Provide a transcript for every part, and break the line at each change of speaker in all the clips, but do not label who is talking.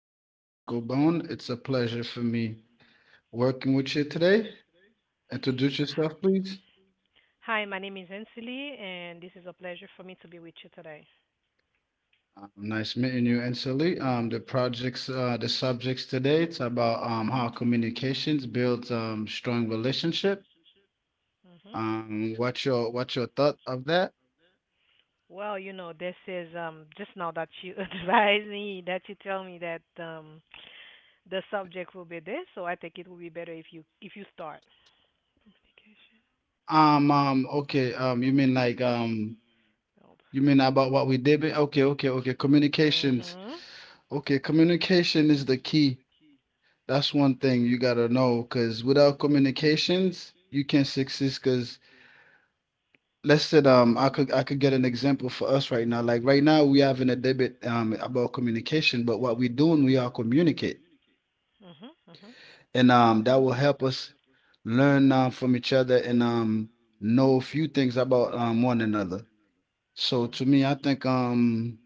name is Michael Bone. It's a pleasure for me working with you today. Introduce yourself, please.
Hi, my name is Ansley, and this is a pleasure for me to be with you today.
Nice meeting you, Ansley. The projects, the subjects today, it's about how communications builds strong relationship.
Hmm.
What's your thought of that?
Well, this is just now that you advise me that you tell me that the subject will be this, so I think it will be better if you start. Communication.
Okay.
Help.
You mean about what we did? Okay, okay, okay. Communications.
Mhm.
Okay, communication is the key. That's one thing you gotta know, because without communications, you can't succeed. Because let's say I could get an example for us right now. Like right now, we having a debate about communication, but what we doing, we are communicate,
Mhm. Mhm.
and that will help us learn from each other and know a few things about one another. So to
Mhm.
me, I think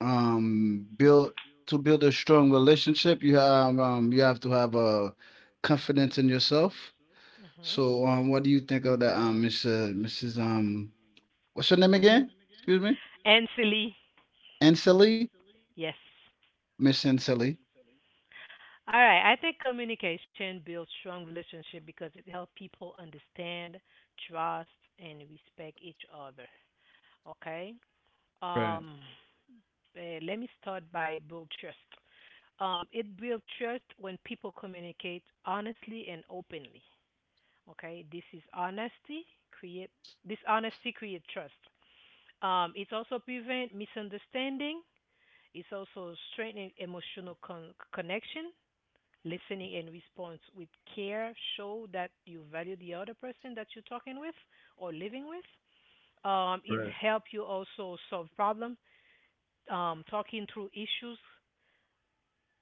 build to build a strong relationship, you have to have a confidence in yourself.
Mhm.
So, what do you think of that, Miss, Mrs. What's her name again? Excuse me,
Ansley.
Anselli,
Yes.
Miss Anselli.
All right, I think communication builds strong relationship because it helps people understand, trust, and respect each other. Okay.
Right.
Um, Let me start by build trust. It builds trust when people communicate honestly and openly. Okay, create this honesty create trust. It also prevent misunderstanding. It's also strengthening emotional connection, listening and response with care show that you value the other person that you're talking with or living with. It helps you also solve problem, talking through issues,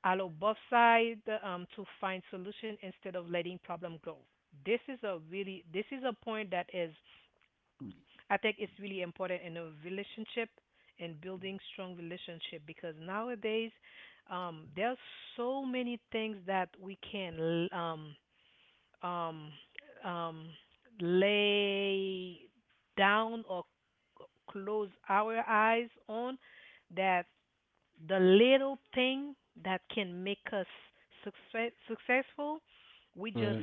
allow both sides to find solution instead of letting problem grow. This is a point that is I think it's really important in a relationship and building strong relationship because nowadays there are so many things that we can um, um, lay down or c- close our eyes on that the little thing that can make us successful, we just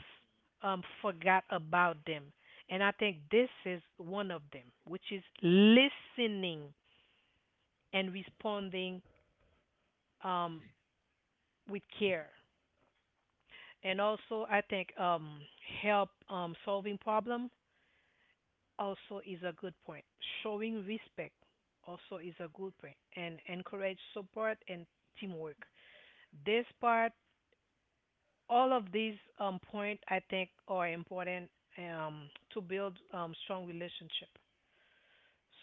forgot about them. And I think this is one of them, which is listening and responding um, with care. And also, I think help solving problem also is a good point. Showing respect also is a good point and encourage support and teamwork. This part, all of these point I think are important um, to build strong relationship.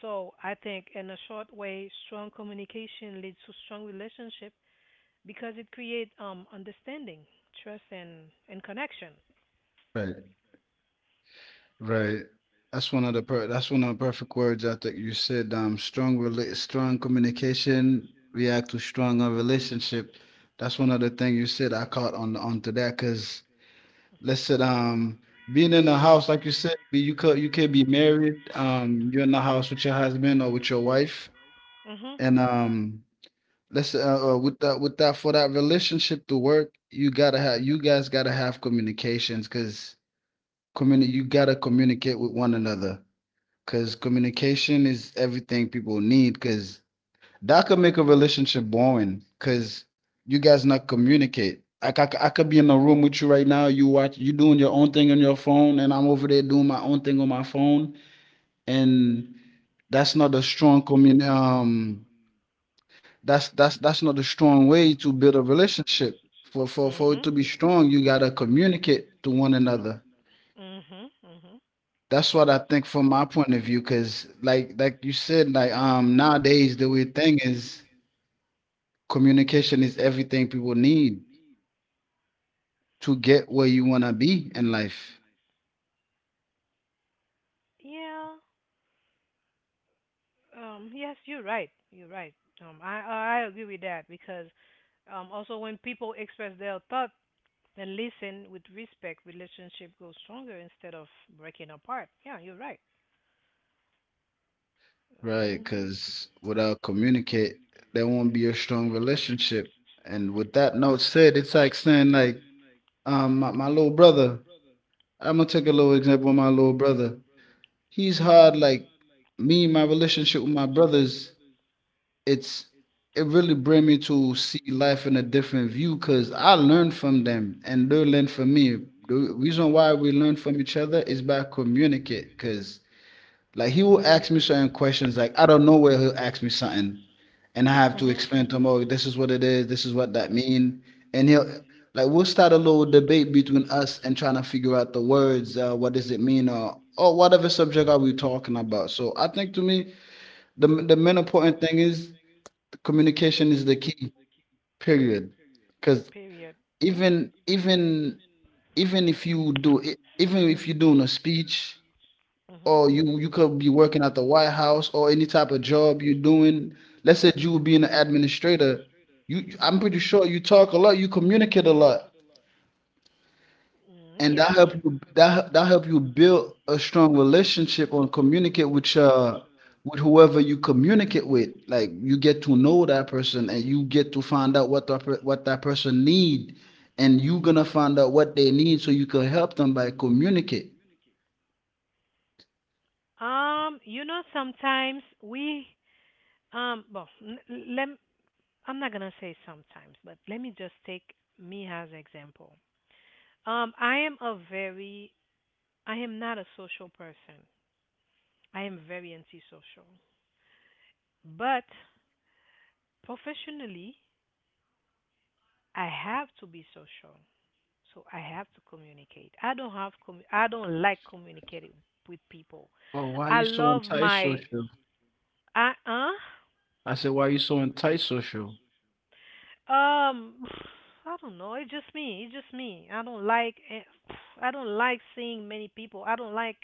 So I think in a short way, strong communication leads to strong relationship because it creates understanding, trust, and connection.
Right, right. That's one of the perfect words I think you said. Strong communication react to stronger relationship. That's one of the things you said. I caught on onto that because let's
Mhm.
say um being in the house, like you said, you could you can be married. You're in the house with your husband or with your wife,
Mhm.
and listen, with that, for that relationship to work, you gotta have, you guys gotta have communications, cause you gotta communicate with one another, cause communication is everything people need, cause that could make a relationship boring, cause you guys not communicate. Like I could be in a room with you right now, you watch, you doing your own thing on your phone, and I'm over there doing my own thing on my phone, and that's not a strong commun um that's not a strong way to build a relationship. For it to
Mhm.
be strong, you gotta communicate to one another.
Mhm. Mhm.
That's what I think from my point of view, because like you said, like nowadays the weird thing is communication is everything people need to get where you wanna be in life,
Yeah. Yes, you're right. You're right. I agree with that because also when people express their thought and listen with respect, relationship goes stronger instead of breaking apart. Yeah, you're right.
right?
Mhm.
Because without communicate, there won't be a strong relationship. And with that note said, it's like saying like my little brother. I'm gonna take a little example of my little brother. He's hard like me. My relationship with my brothers, it's it really bring me to see life in a different view because I learn from them and they learn from me. The reason why we learn from each other is by communicate, because like he will ask me certain questions, like I don't know where he'll ask me something, and I have to
Mhm.
explain to him, oh, this is what it is, this is what that mean, and he'll like we'll start a little debate between us and trying to figure out the words, what does it mean, or whatever subject are we talking about. So I think to me, the main important thing is communication is the key. Period. Because
Period. Mhm.
even even even if you do, even if you're doing a speech
Mhm.
or you could be working at the White House or any type of job you're doing. Let's say you would be an administrator. You, I'm pretty sure
Mhm.
you talk a lot, you communicate a lot,
Mm,
and
yes.
that help you build a strong relationship and communicate with whoever you communicate with. Like you get to know that person and you get to find out what that person need, and you gonna find out what they need so you can help them by communicate.
Sometimes we well, let I'm not gonna say sometimes, but let me just take me as example. Um, I am a very, I am not a social person. I am very antisocial, but professionally, I have to be social, so I have to communicate. I don't like communicating with people.
Oh, why are
I
you so
love my,
antisocial?
I, huh?
I said, "Why are you so antisocial?"
Um, I don't know. It's just me. It's just me. I don't like. I don't like seeing many people. I don't like.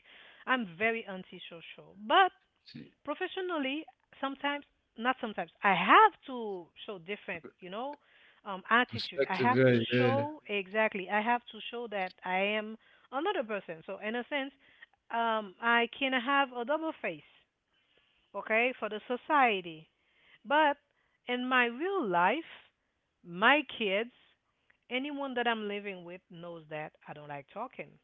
I'm very antisocial. But
She
professionally, sometimes, not sometimes, I have to show different. You know, attitude. I
perspective,
have to
right, yeah.
show exactly. I have to show that I am another person. So in a sense, I can have a double face. Okay, for the society. But in my real life, my kids, anyone that I'm living with knows that I don't like talking.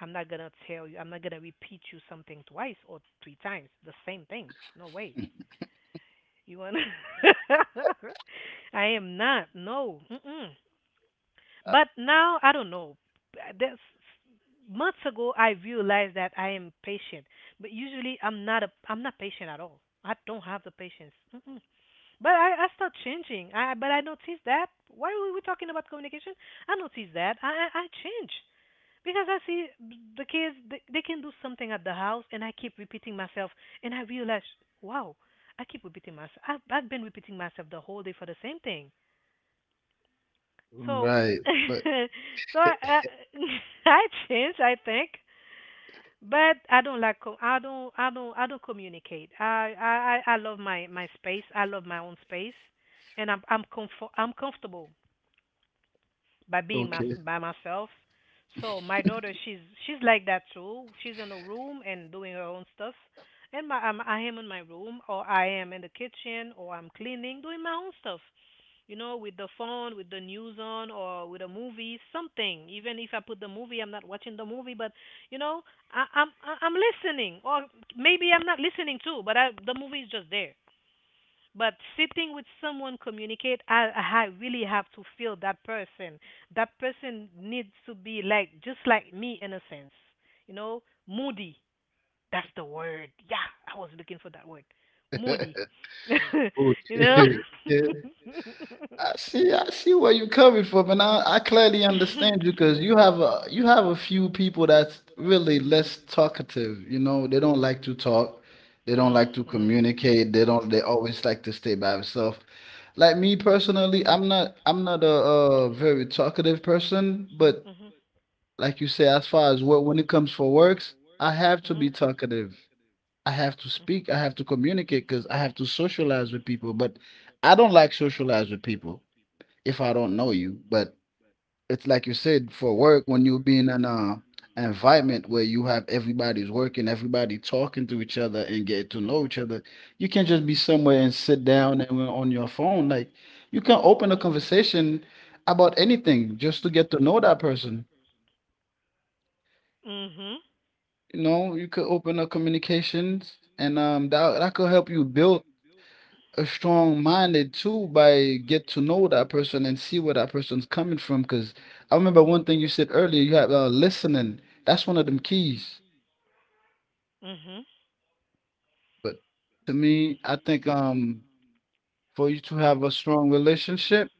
I'm not gonna tell you, I'm not gonna repeat you something twice or three times, the same thing. No way. You wanna? I am not. No. Mm-mm. But now I don't know. That's months ago I realized that I am patient, but usually I'm not patient at all. I don't have the patience. Mm-mm. But I start changing. I but I notice that. Why are we talking about communication? I notice that. I change because I see the they can do something at the house, and I keep repeating myself, and I realize, wow, I keep repeating myself. I've been repeating myself the whole day for the same thing. So
Right, but
so I I, I change. I think but I don't like I don't communicate. I love my space. I love my own space, and I'm comfortable by being
okay,
by myself. So my daughter she's like that too. She's in a room and doing her own stuff, and I am in my room or I am in the kitchen or I'm cleaning doing my own stuff, you know, with the phone, with the news on, or with a movie, something. Even if I put the movie, I'm not watching the movie, but you know, I'm listening, or maybe I'm not listening too, but the movie is just there. But sitting with someone communicate, I really have to feel that person. That person needs to be like just like me in a sense, you know, moody. That's the word. Yeah, I was looking for that word, moody. you know.
okay, yeah. I see where you're coming from, and I clearly
mhm
understand you because you have a few people that's really less talkative. You know, they don't like to talk, they don't like to
mhm
communicate, they don't. They always like to stay by themselves. Like me personally, I'm not a, very talkative person, but
mhm
like you say, as far as what when it comes for works, I have to be talkative. I have to
mhm
speak. I have to communicate because I have to socialize with people. But I don't like socialize with people if I don't know you. But it's like you said, for work, when you be in an environment where you have everybody's working, everybody talking to each other and get to know
mhm
each other, you can't just be somewhere and sit down and we're on your phone. Like you can open a conversation about anything just to get to know that person.
Mhm.
You know, you could open up communications and that could help you build a strong minded too by get to know that person and see where that person's coming from. Because I remember one thing you said earlier, you have listening. That's one of them keys.
Mhm.
But to me, I think for you to have a strong relationship,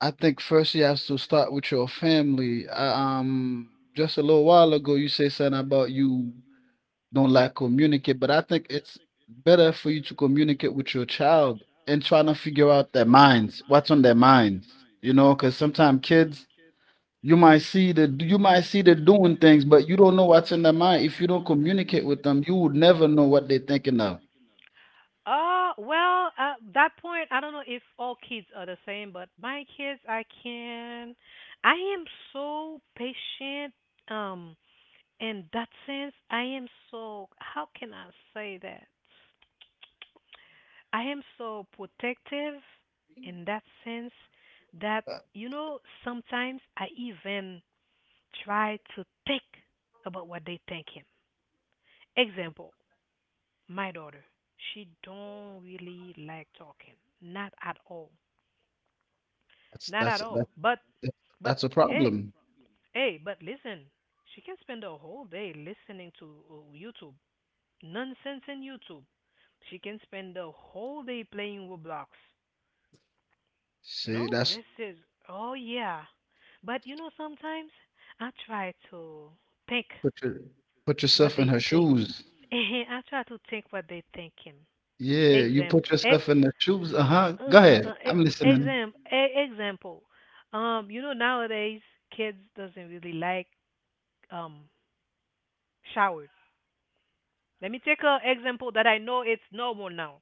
I think first you have to start with your family. I, just a little while ago, you say something about you don't like communicate, but I think it's better for you to communicate with your child and trying to figure out their minds, what's on their minds, you know, because sometimes kids, you might see the you might see the doing things, but you don't know what's in their mind. If you don't communicate with them, you would never know what they're thinking of.
Well, at that point, I don't know if all kids are the same, but my kids, I am so patient. Um, in that sense, I am so, how can I say that? I am so protective in that sense that,
Uh,
you know, sometimes I even try to think about what they thinking. Example, my daughter, she don't really like talking. Not at all.
That's
Not at
that's
all.
that's
But
that's a
hey,
problem.
hey, but listen. She can spend the whole day listening to YouTube. Nonsense in YouTube. She can spend the whole day playing Roblox. You
See,
know,
that's
this is oh yeah. But you know sometimes I try to think
put your put
what
yourself in
they
her
think.
shoes.
I try to think what they thinking.
Yeah, you
Example,
put
ex,
yourself in the shoes. Uh huh.
uh,
Go ahead.
ex,
I'm listening.
exam, e- example. You know nowadays kids doesn't really like um showers. Let me take a example that I know it's normal now.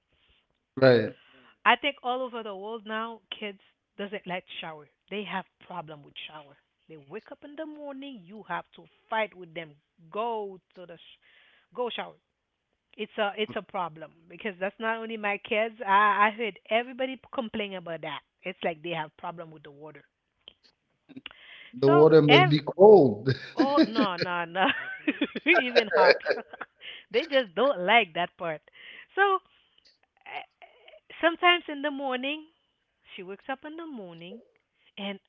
Right.
I think all over the world now kids doesn't like shower. They have problem with shower. They wake up in the morning, you have to fight with them. Go to the sh- Go shower. It's a problem because that's not only my kids. I heard everybody complain about that. It's like they have problem with the water.
The
So
water must
ev
be cold.
Oh no no no. Even hot. They just don't like that part. So eh, sometimes in the morning she wakes up in the morning and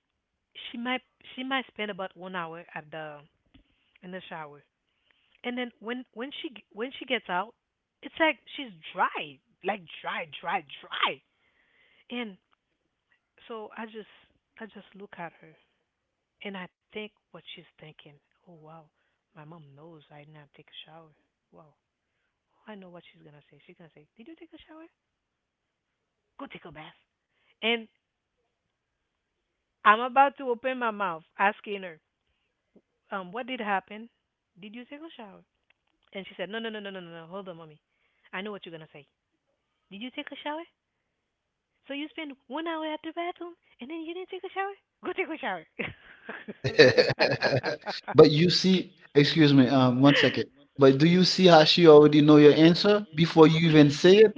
she might she might spend about 1 hour at the in the shower. And then when she when she gets out, it's like she's dry, like dry, dry, dry. And so I just look at her and I think what she's thinking. Oh wow, my mom knows I did not take a shower. Wow, I know what she's gonna say. She's gonna say, "Did you take a shower? Go take a bath." And I'm about to open my mouth asking her, what did happen? Did you take a shower?" And she said, "No, no, no, no, no, no, no. Hold on, mommy. I know what you're gonna say. Did you take a shower? So you spend 1 hour at the bathroom and then you didn't take a shower? Go take a shower."
But you see, excuse me, 1 second. But do you see how she already know your answer before you even say it?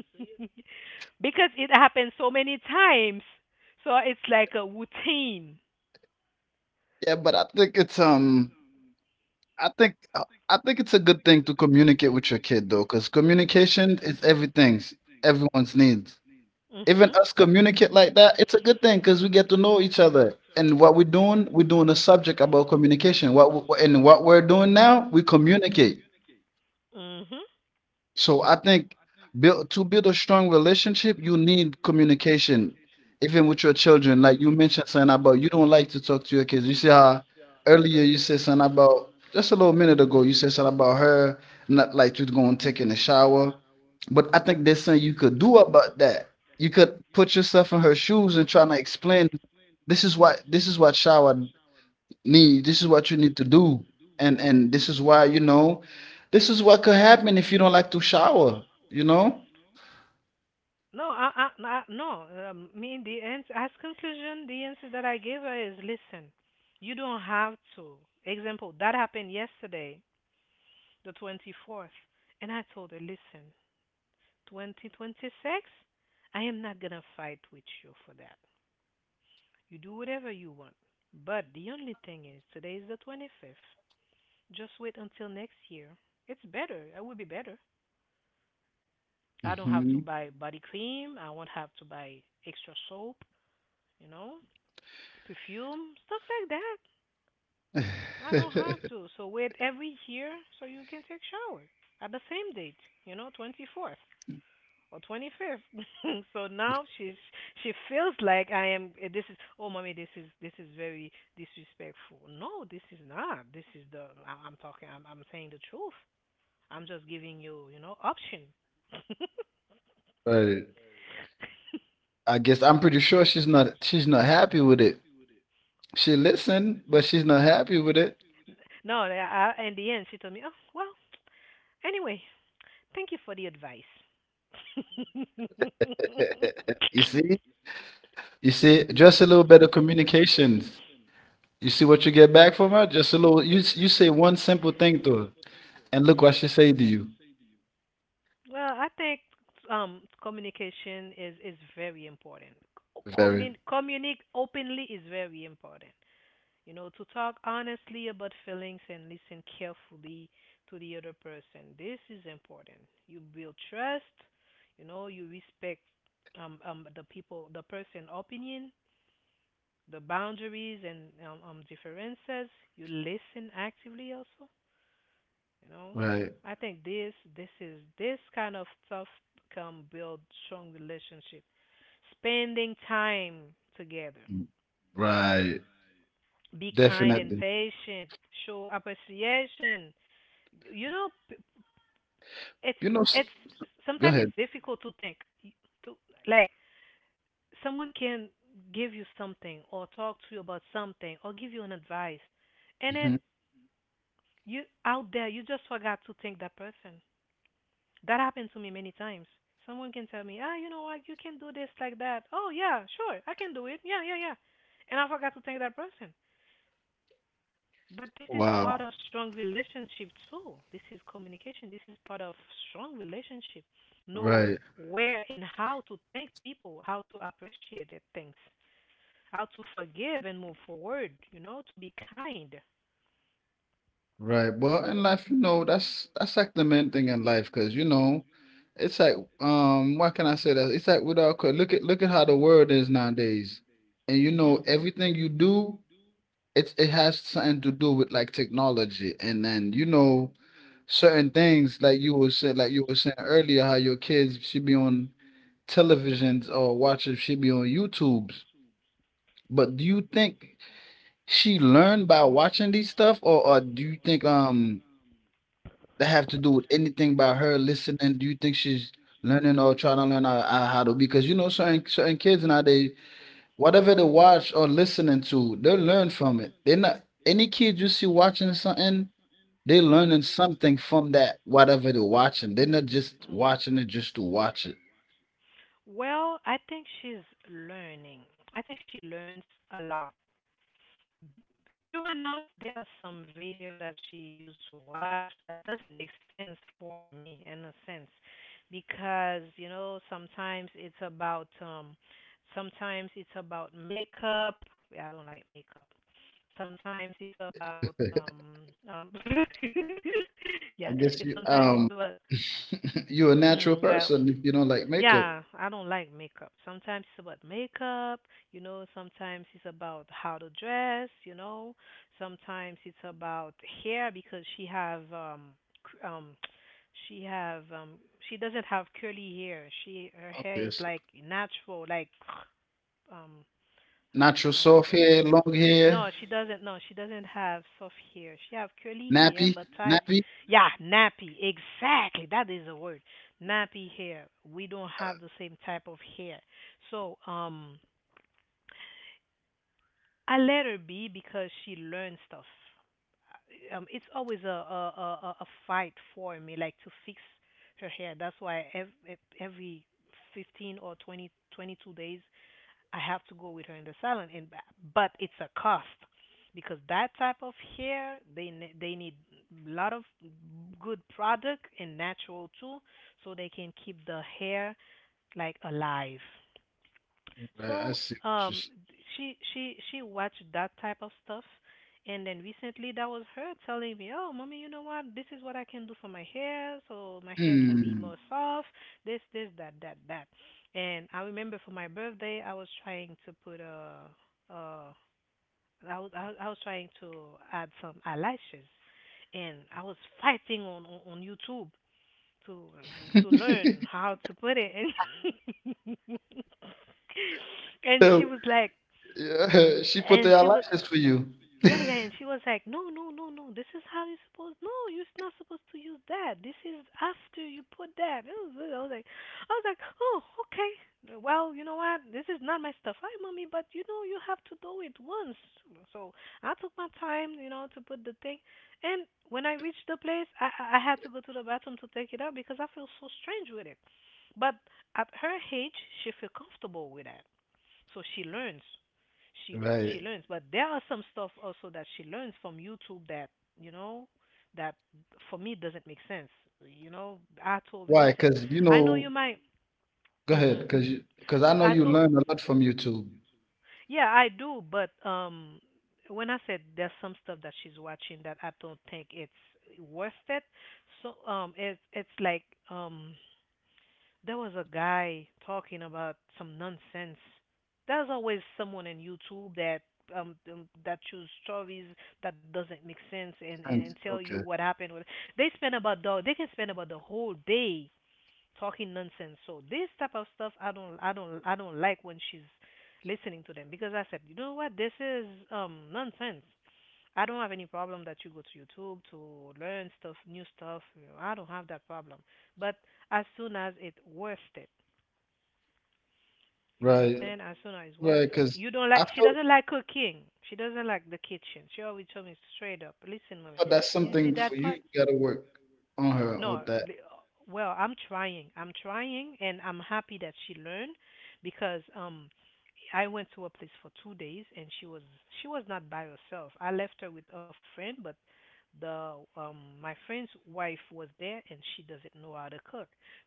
Because it happens so many times. So it's like a routine.
Yeah, but I think it's a good thing to communicate with your kid though, because communication is everything's everyone's needs.
Mhm.
Even us communicate like that, it's a good thing because we get to know each other. And what we're doing a subject about communication. What we're doing now, we communicate.
Mhm.
So I think build to build a strong relationship, you need communication, even with your children. Like you mentioned something about you don't like to talk to your kids. You see how earlier you said something about just a little minute ago, you said something about her not like to go and take in a shower. But I think there's something you could do about that. You could put yourself in her shoes and try to explain this is what shower need, this is what you need to do, and this is why, you know, this is what could happen if you don't like to shower, you know.
I no. The ans as conclusion, the answer that I gave her is, listen, you don't have to. Example, that happened yesterday, the 24th, and I told her, listen, 2026, I am not going to fight with you for that. You do whatever you want. But the only thing is, today is the 25th. Just wait until next year. It's better. It will be better. I don't have to
Hmm.
buy body cream. I won't have to buy extra soap, you know, perfume, stuff like that. I don't have to. So wait every year so you can take shower at the same date, you know, 24th or 25th. So now she feels like I am. This is oh, mommy, this is very disrespectful. No, this is not. This is the I'm talking. I'm saying the truth. I'm just giving you you know option.
Right, I guess I'm pretty sure she's not happy with it. She listened but she's not happy with it.
no, I, In the end, she told me, oh well. Anyway, thank you for the advice.
you see you see just a little bit of communications. You see what you get back from her. Just a little, you say one simple thing to her and look what she say to you.
Well, I think communication is very important.
Very.
Communicate openly is very important. You know, to talk honestly about feelings and listen carefully to the other person. This is important. You build trust. You know, you respect the the person opinion, the boundaries and differences. You listen actively also. You know,
Right.
I think this this is this kind of stuff can build strong relationship. Spending time together.
Right.
Be kind and
Definitely.
patient. Show appreciation. You know it's
You know,
it's
go
sometimes
ahead.
it's difficult to think to like someone can give you something or talk to you about something or give you an advice, and
Mhm.
then you out there, you just forgot to thank that person. That happened to me many times. Someone can tell me, you know what, you can do this like that. Oh, yeah, sure, I can do it. Yeah, yeah, yeah. And I forgot to thank that person. But this is part
Wow.
of strong relationship too. This is communication. This is part of strong relationship. Knows
Right.
where and how to thank people, how to appreciate their things, how to forgive and move forward. You know, to be kind.
Right. Well, in life, you know, that's like the main thing in life, because you know, it's like why can I say that? It's like without look at look at how the world is nowadays, and you
Mhm.
know, everything you do, it has something to do with like technology, and then you know, certain things like you were saying, earlier, how your kids should be on televisions or watching should be on YouTube's. But do you think? She learned by watching these stuff, or do you think that have to do with anything by her listening? Do you think she's learning or trying to learn how, how to? Because you know, certain kids nowadays, whatever they watch or listening to, they learn from it. They're not any kid you see watching something, they
Mhm.
learning something from that whatever they're watching. They're not just
Mhm.
watching it just to watch it.
Well, I think she's learning. I think she learns a lot. True enough, there are some video that she used to watch that doesn't make sense for me in a sense because you know sometimes it's about makeup. Yeah, I don't like makeup. Sometimes it's about yeah,
I guess you
sometimes it's about
you're a natural
yeah,
person if you don't like makeup.
yeah, I don't like makeup. Sometimes it's about makeup. Sometimes it's about how to dress. Sometimes it's about hair because she have cr- um she have she doesn't have curly hair. She Her hair
Okay,
is
so
like natural, like um how can
natural
I
soft
say it?
hair, long hair.
No, she doesn't. No, she doesn't have soft hair. She have curly
Nappy,
hair, but type,
nappy.
yeah, nappy. Exactly, that is the word. Nappy hair. We don't have the same type of hair. So, I let her be because she learned stuff. It's always a fight for me, like to fix her hair. That's why every fifteen or 20 22 days, I have to go with her in the salon, and but it's a cost because that type of hair they need a lot of good product and natural too, so they can keep the hair like alive.
I
So
see what you're
um,
saying.
she watched that type of stuff, and then recently that was her telling me, "Oh, mommy, you know what? This is what I can do for my hair, so my hair can be
Hmm.
more soft. This, that, that, that." And I remember for my birthday, uh, I was trying to add some eyelashes, and I was fighting on on YouTube to to learn how to put it, and and she
So
was like,
yeah, she put
and
the
she was,
eyelashes for you.
yeah, yeah, and she was like, "No, no, no, no. This is how you supposed. No, you're not supposed to use that. This is after you put that." I was like, I was like, I was like, "Oh, okay. Well, you know what? This is not my stuff. Hi, mommy, but you know you have to do it once." So I took my time, to put the thing. And when I reached the place, I had to go to the bathroom to take it out because I feel so strange with it. But at her age, she feel comfortable with that, so she learns she
Right.
she learns. But there are some stuff also that she learns from YouTube that you know that for me doesn't make sense. I told her,
Why?
listen,
Because you
I know you
know.
might.
Go ahead.
Hmm.
Because you. Because I know
I, I
you
told,
learn a lot from YouTube.
yeah, I do, but when I said there's some stuff that she's watching that I don't think it's worth it. So it's like um there was a guy talking about some nonsense. There's always someone in YouTube that choose stories that doesn't make sense, and, and,
And
and tell you
okay.
what happened with they can spend about the whole day talking nonsense. So this type of stuff I don't like when she's listening to them because I said, you know what, this is nonsense. I don't have any problem that you go to YouTube to learn stuff, new stuff. I don't have that problem. But as soon as it worth it, you
Right,
understand? And so now it's
right.
worth it.
Because
You don't like
I
she
feel,
doesn't like cooking. She doesn't like the kitchen. She always told me straight up, listen, mommy,
but that's
you see
something
that
for you.
part?
You gotta work on her
No,
with that.
li- well, I'm trying. I'm trying, and I'm happy that she learned because I went to a place for 2 days, and she was not by herself. I left her with a friend, but the my friend's wife was there, and she doesn't know how to cook.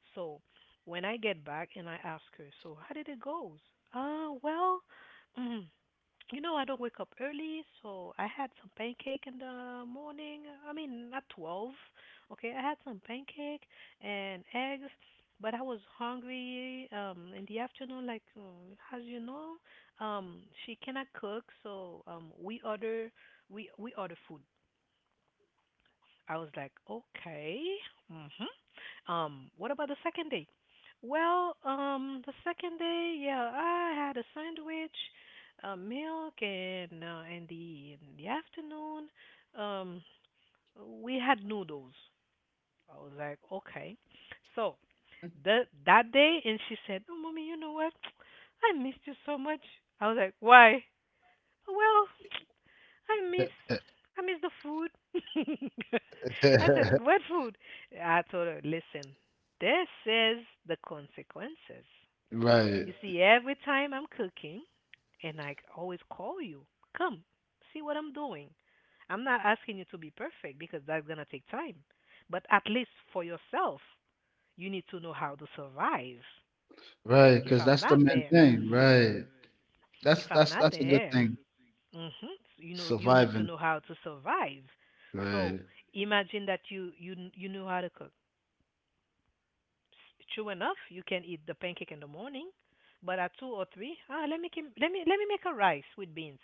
So when I get back and I ask her, so how did it go? Well, mm, you know, I don't wake up early, so I had some pancake in the morning. I mean, at 12. Okay, I had some pancake and eggs, but I was hungry in the afternoon like as you know, she cannot cook, so we order food. I was like, "Okay." Mhm. What about the second day? Well, the second day, yeah, I had a sandwich, milk and in the afternoon, um we had noodles. I was like, okay. So the that day, and she said, "Oh, mommy, you know what? I missed you so much." I was like, "Why?" Well, I miss I miss the food. I said, "What food?" I told her, "Listen, this is the consequences.
Right,
You see, every time I'm cooking, and I always call you, come, see what I'm doing. I'm not asking you to be perfect because that's gonna take time, but at least for yourself." You need to know how to survive.
right.
If
Because
I'm
that's the
not
main
there,
thing. Right.
if
That's
I'm
that's
not
that's a good
there,
thing.
hmm you need to
Surviving.
know how to survive. So
Right.
imagine that you know how to cook. True enough, you can eat the pancake in the morning, but at two or three, let me kim- let me make a rice with beans.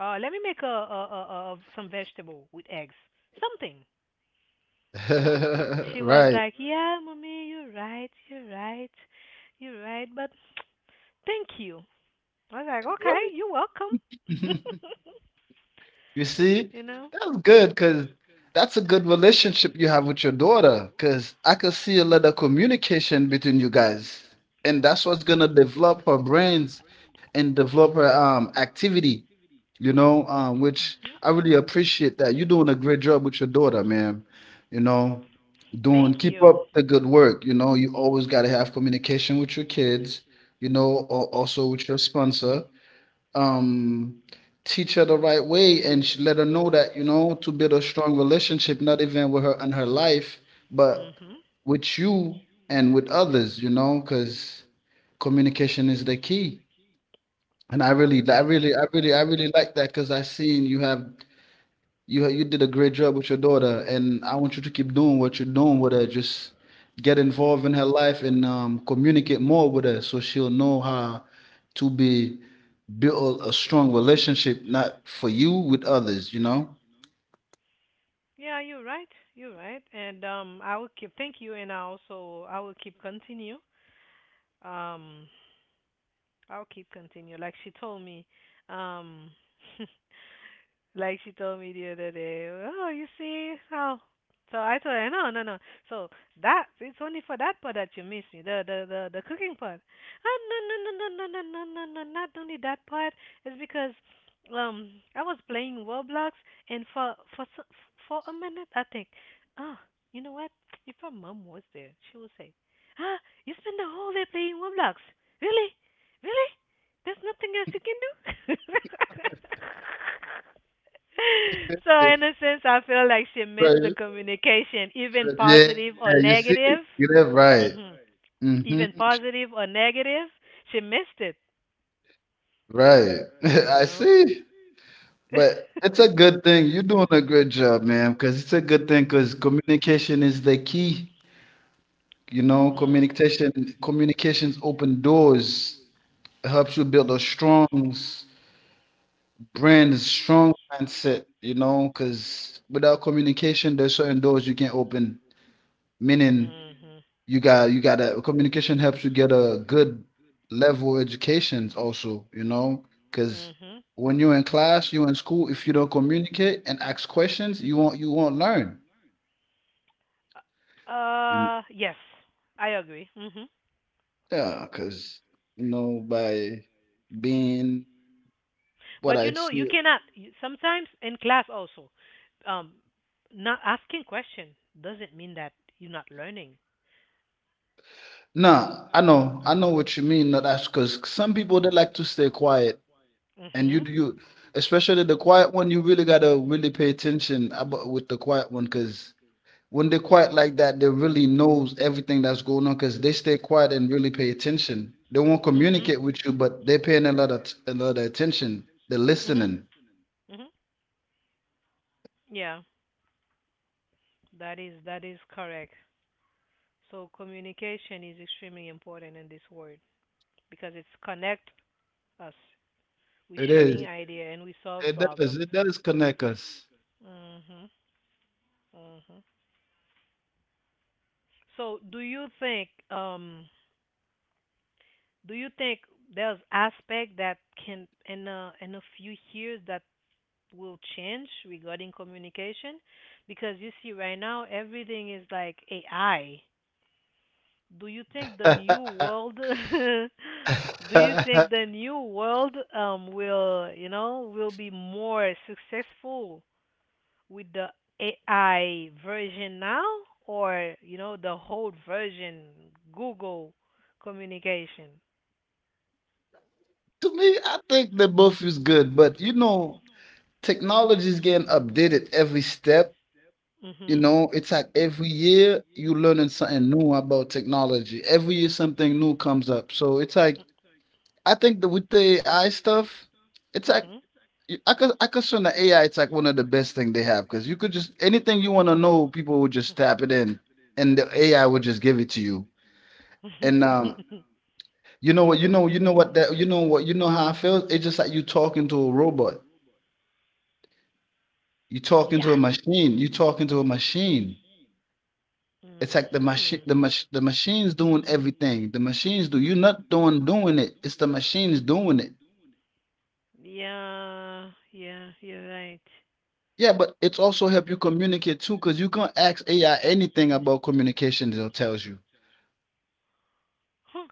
Let me make a, a some vegetable with eggs. Something, you know. She was
Right.
like, "Yeah, mommy, you're right, you're right, you're right, but thank you, I was like, okay, you're
Right.
welcome."
You see,
You know?
that's good because that's a good relationship you have with your daughter. Because I could see a lot of communication between you guys, and that's what's gonna develop her brains and develop her activity. You know, which I
Hmm.
really appreciate that you're doing a great job with your daughter, man. You know, doing
Thank
keep
you.
up the good work. You know, you always gotta have communication with your kids. You know, or also with your sponsor, um, teach her the right way and sh let her know that, you know, to build a strong relationship, not even with her and her life, but
Hmm.
with you and with others, you know, because communication is the key. And I really, I
That is.
really, I really, I really like that because I seen you have you did a great job with your daughter, and I want you to keep doing what you're doing with her. Just get involved in her life and communicate more with her, so she'll know how to be build a strong relationship, not for you with others. You know.
Yeah, you're right. You're right. And I will keep. Thank you, and I will keep continue. Um, I'll keep continue. Um, like she told me the other day. Oh, you see how? So I told her, no, no, no. So that it's only for that part that you miss me, the cooking part. Oh, no, no, no, no, no, no, no, no, no, not only that part. It's because I was playing Roblox, and for a minute I think, ah, you know what, if her mom was there, she would say, ah, you spend the whole day playing Roblox. Really? Really? There's nothing else you can do? So, in a sense, I feel like she missed the
Right.
communication, even
Yeah,
positive or
you see,
negative.
you live right.
hmm
Hmm.
Even positive or negative, she missed it,
Right.
you
I
know?
see. But it's a good thing. You're doing a great job, man. Because it's a good thing. Because communication is the key. You know,
Mm.
communications open doors. It helps you build a strong s- brand, a strong mindset, you know, because without communication, there's certain doors you can't open. Meaning
Mm-hmm.
you gotta communication helps you get a good level education also, you know, because
Mm-hmm.
when you're in class, you're in school, if you don't communicate and ask questions, you won't learn. And
Yes, I agree. Mm-hmm.
yeah, because you know, by being what
But
I see.
you cannot. Sometimes in class also, um, not asking question doesn't mean that you're not learning.
No, I know what you mean. No, that's because some people they like to stay quiet, and
Mhm.
especially the quiet one, you really gotta really pay attention about with the quiet one, because when they quiet like that, they really knows everything that's going on, because they stay quiet and really pay attention. They won't
Mhm.
communicate with you, but they're paying a lot of t- a lot of attention. They're
Mhm.
listening.
Mhm. Yeah, that is correct. So communication is extremely important in this world because it's connect us. We
It
sharing
is.
idea, and we solve
It does.
problems.
It does connect us.
Mhm. Mhm. So do you think there's aspect that can in a few years that will change regarding communication? Because you see, right now everything is like AI. Do you think the new
To
world, do you think the new world will be more successful with the AI version now, or, the whole version Google communication?
me, I think they both is good, but you know, technology is getting updated every step. You
Mhm.
know, it's like every year you learning something new about technology. Every year something new comes up. So it's like I think that with the AI stuff, it's like
Mhm.
y- I consider the AI it's like one of the best thing they have because you could just anything you want to know, people would just tap it in, and the AI would just give it to you. And you know what that, you know what, you know how I feel. It's just like you talking to a robot. You talking
Yeah.
to a machine. You talking to a machine. It's like
Mhm.
the machine's doing everything the machines do. You're not doing it. It's the machines doing it.
Yeah, yeah, you're right.
Yeah, but it's also help you communicate too because you can ask AI anything about communication. It tells you,
Huh.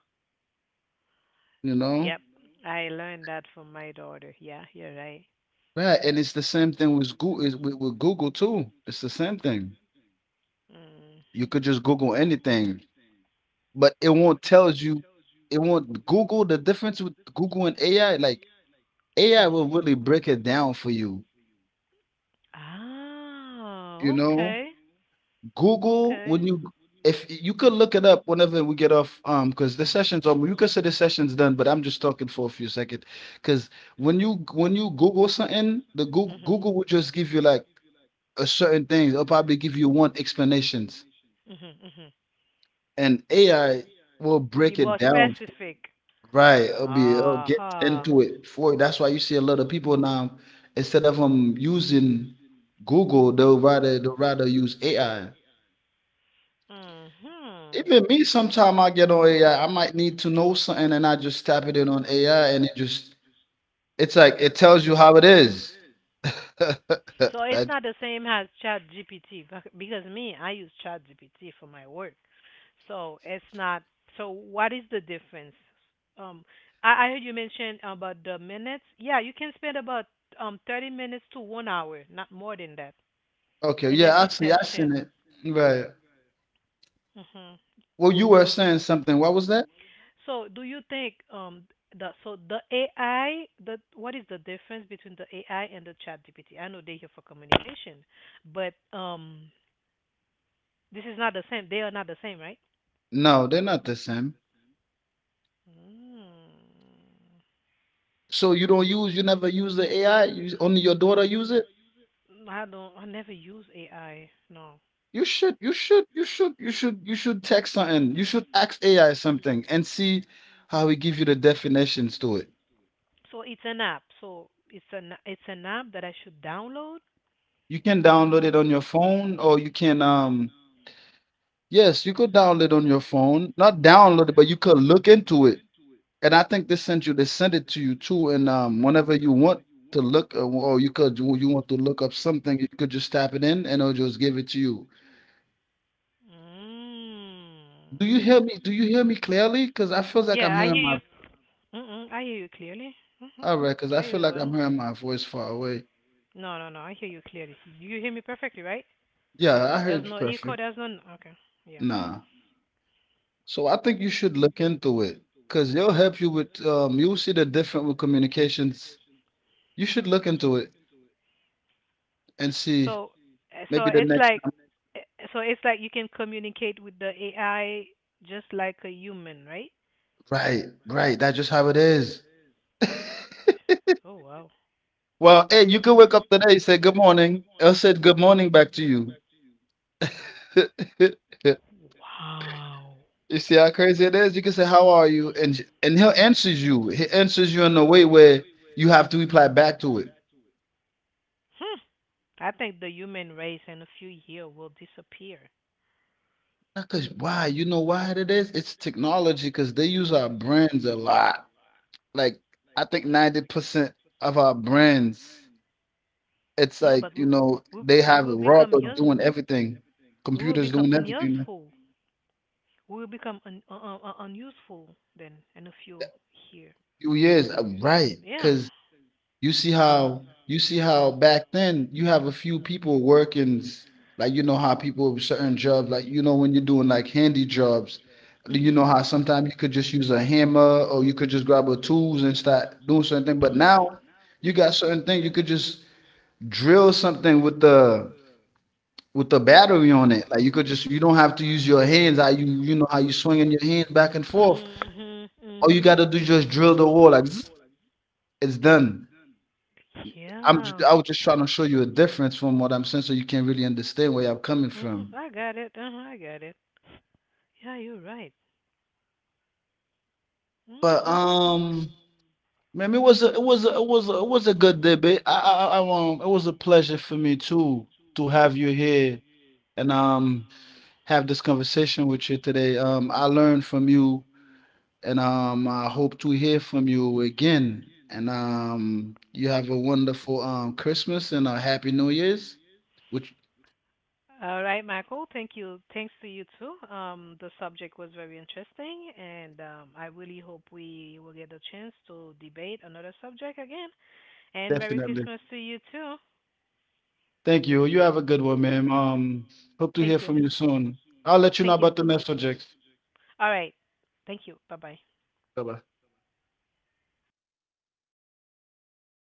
you know.
Yep. You know? I learned that from my daughter. Yeah, you're right.
Right, and it's the same thing with Google. With Google too, it's the same thing. You
Mhm.
could just google anything, but it won't tell you. It won't google The difference with Google and AI, like AI
Mhm.
will really break it down for you,
Ah,
you know.
okay.
Google,
Okay.
when you, if you could look it up whenever we get off, because the session's on. You could say the session's done, but I'm just talking for a few seconds because when you, when you google something, the Google
Mhm.
Google will just give you like a certain thing. It'll probably give you one explanations,
Mhm. Mhm.
and AI will
We'll be
break it
more. Break it down.
down.
Specific.
Right, it'll be, it'll get
Aha.
into it for you. That's why you see a lot of people now instead of using Google, they'll rather use AI.
Mhm.
Even me, sometime I get on AI. I might need to know something, and I just tap it in on AI, and it just, it's like it tells you how it is.
So it's
That
not the same as Chat GPT, because me, I use Chat GPT for my work. So it's not. So what is the difference? Um, I heard you mention about the minutes. Yeah, you can spend about 30 minutes to 1 hour, not more than that,
okay?
in
Yeah, I
every
see. I seen
session.
it. Right.
hmm
Well, you were saying something. What was that?
So do you think the so the AI the what is the difference between the AI and the Chat GPT? I know they're here for communication, but this is not the same. They are not the same, right?
No, they're not the same.
Mm.
So you don't use, you never use the AI. You, only your daughter use it.
I don't. I never use AI. No.
You should text something. You should ask AI something and see how he give you the definitions to it.
So it's an app. So it's an app that I should download.
You can download it on your phone, or you can, yes, you could download it on your phone. Not download it, but you could look into it. And I think they sent you, they send it to you too. And whenever you want to look, or you could, you want to look up something, you could just tap it in, and it'll just give it to you. Do you
Mm.
hear me? Do you hear me clearly? Because I feel like I'm
Yeah, I
hearing
hear
my,
you. Mm-mm, I hear you clearly. hmm
all right, because
I
I
hear
feel
you
like I'm
well.
hearing my voice far away.
No, no, no. I hear you clearly. You hear me perfectly, right?
Yeah, I
There's
heard
no
you
echo.
perfect.
There's no. Okay. Yeah.
Nah. So I think you should look into it because they'll help you with you'll see the different with communications. You should look into it and see
So, uh, so
maybe the
it's
next
like,
time.
uh, so it's like you can communicate with the AI just like a human, right?
Right, right. That's just how it is.
Oh wow.
Well, hey, you can wake up today, say good morning. I'll say good morning back to you.
Wow.
You see how crazy it is? You can say, "How are you?" And j- and he'll answers you. He answers you in a way where you have to reply back to it.
Hmm. I think the human race in a few years will disappear.
Because why? You know why it is? It's technology because they use our brains a lot. Like I think 90% of our brands, it's
Yeah,
like
but
you know
we,
they
we
have
will
a
become
robot doing everything, computers doing everything.
unuseful. We will become unuseful then in a few years.
Few years, right?
Yeah.
Because you see how, you see how back then you have a few people working, s- like you know how people with certain jobs, like you know when you're doing like handy jobs, you know
Mhm.
how sometimes you could just use a hammer or you could just grab a tools and start doing certain thing. But now you got
Mhm.
certain thing you could just drill something with the, battery on it. Like you could just, you don't have to use your hands. How you, you know how you swinging your hands back and forth.
Mhm.
All you
Mhm.
got to do is just drill the wall like zzz, it's
And
done.
yeah. I'm.
I was just trying to show you a difference from what I'm saying, so you can really understand where I'm coming
Mhm.
from.
I got it. Uh-huh, I got it. Yeah, you're right.
But
Mhm.
man, it was a it was a, it was a, it was a good debate. I It was a pleasure for me too to have you here and have this conversation with you today. I learned from you. And I hope to hear from you again. And you have a wonderful Christmas and a happy New Year's. Which
All right, Michael. Thank you. Thanks to you too. The subject was very interesting, and I really hope we will get a chance to debate another subject again. And Merry
definitely.
Christmas to you too.
Thank you. You have a good one, ma'am. Hope to hear
Thank you.
from you soon. I'll let you know
Thank you.
about the next subject.
All right. Thank you. Bye bye.
Bye bye.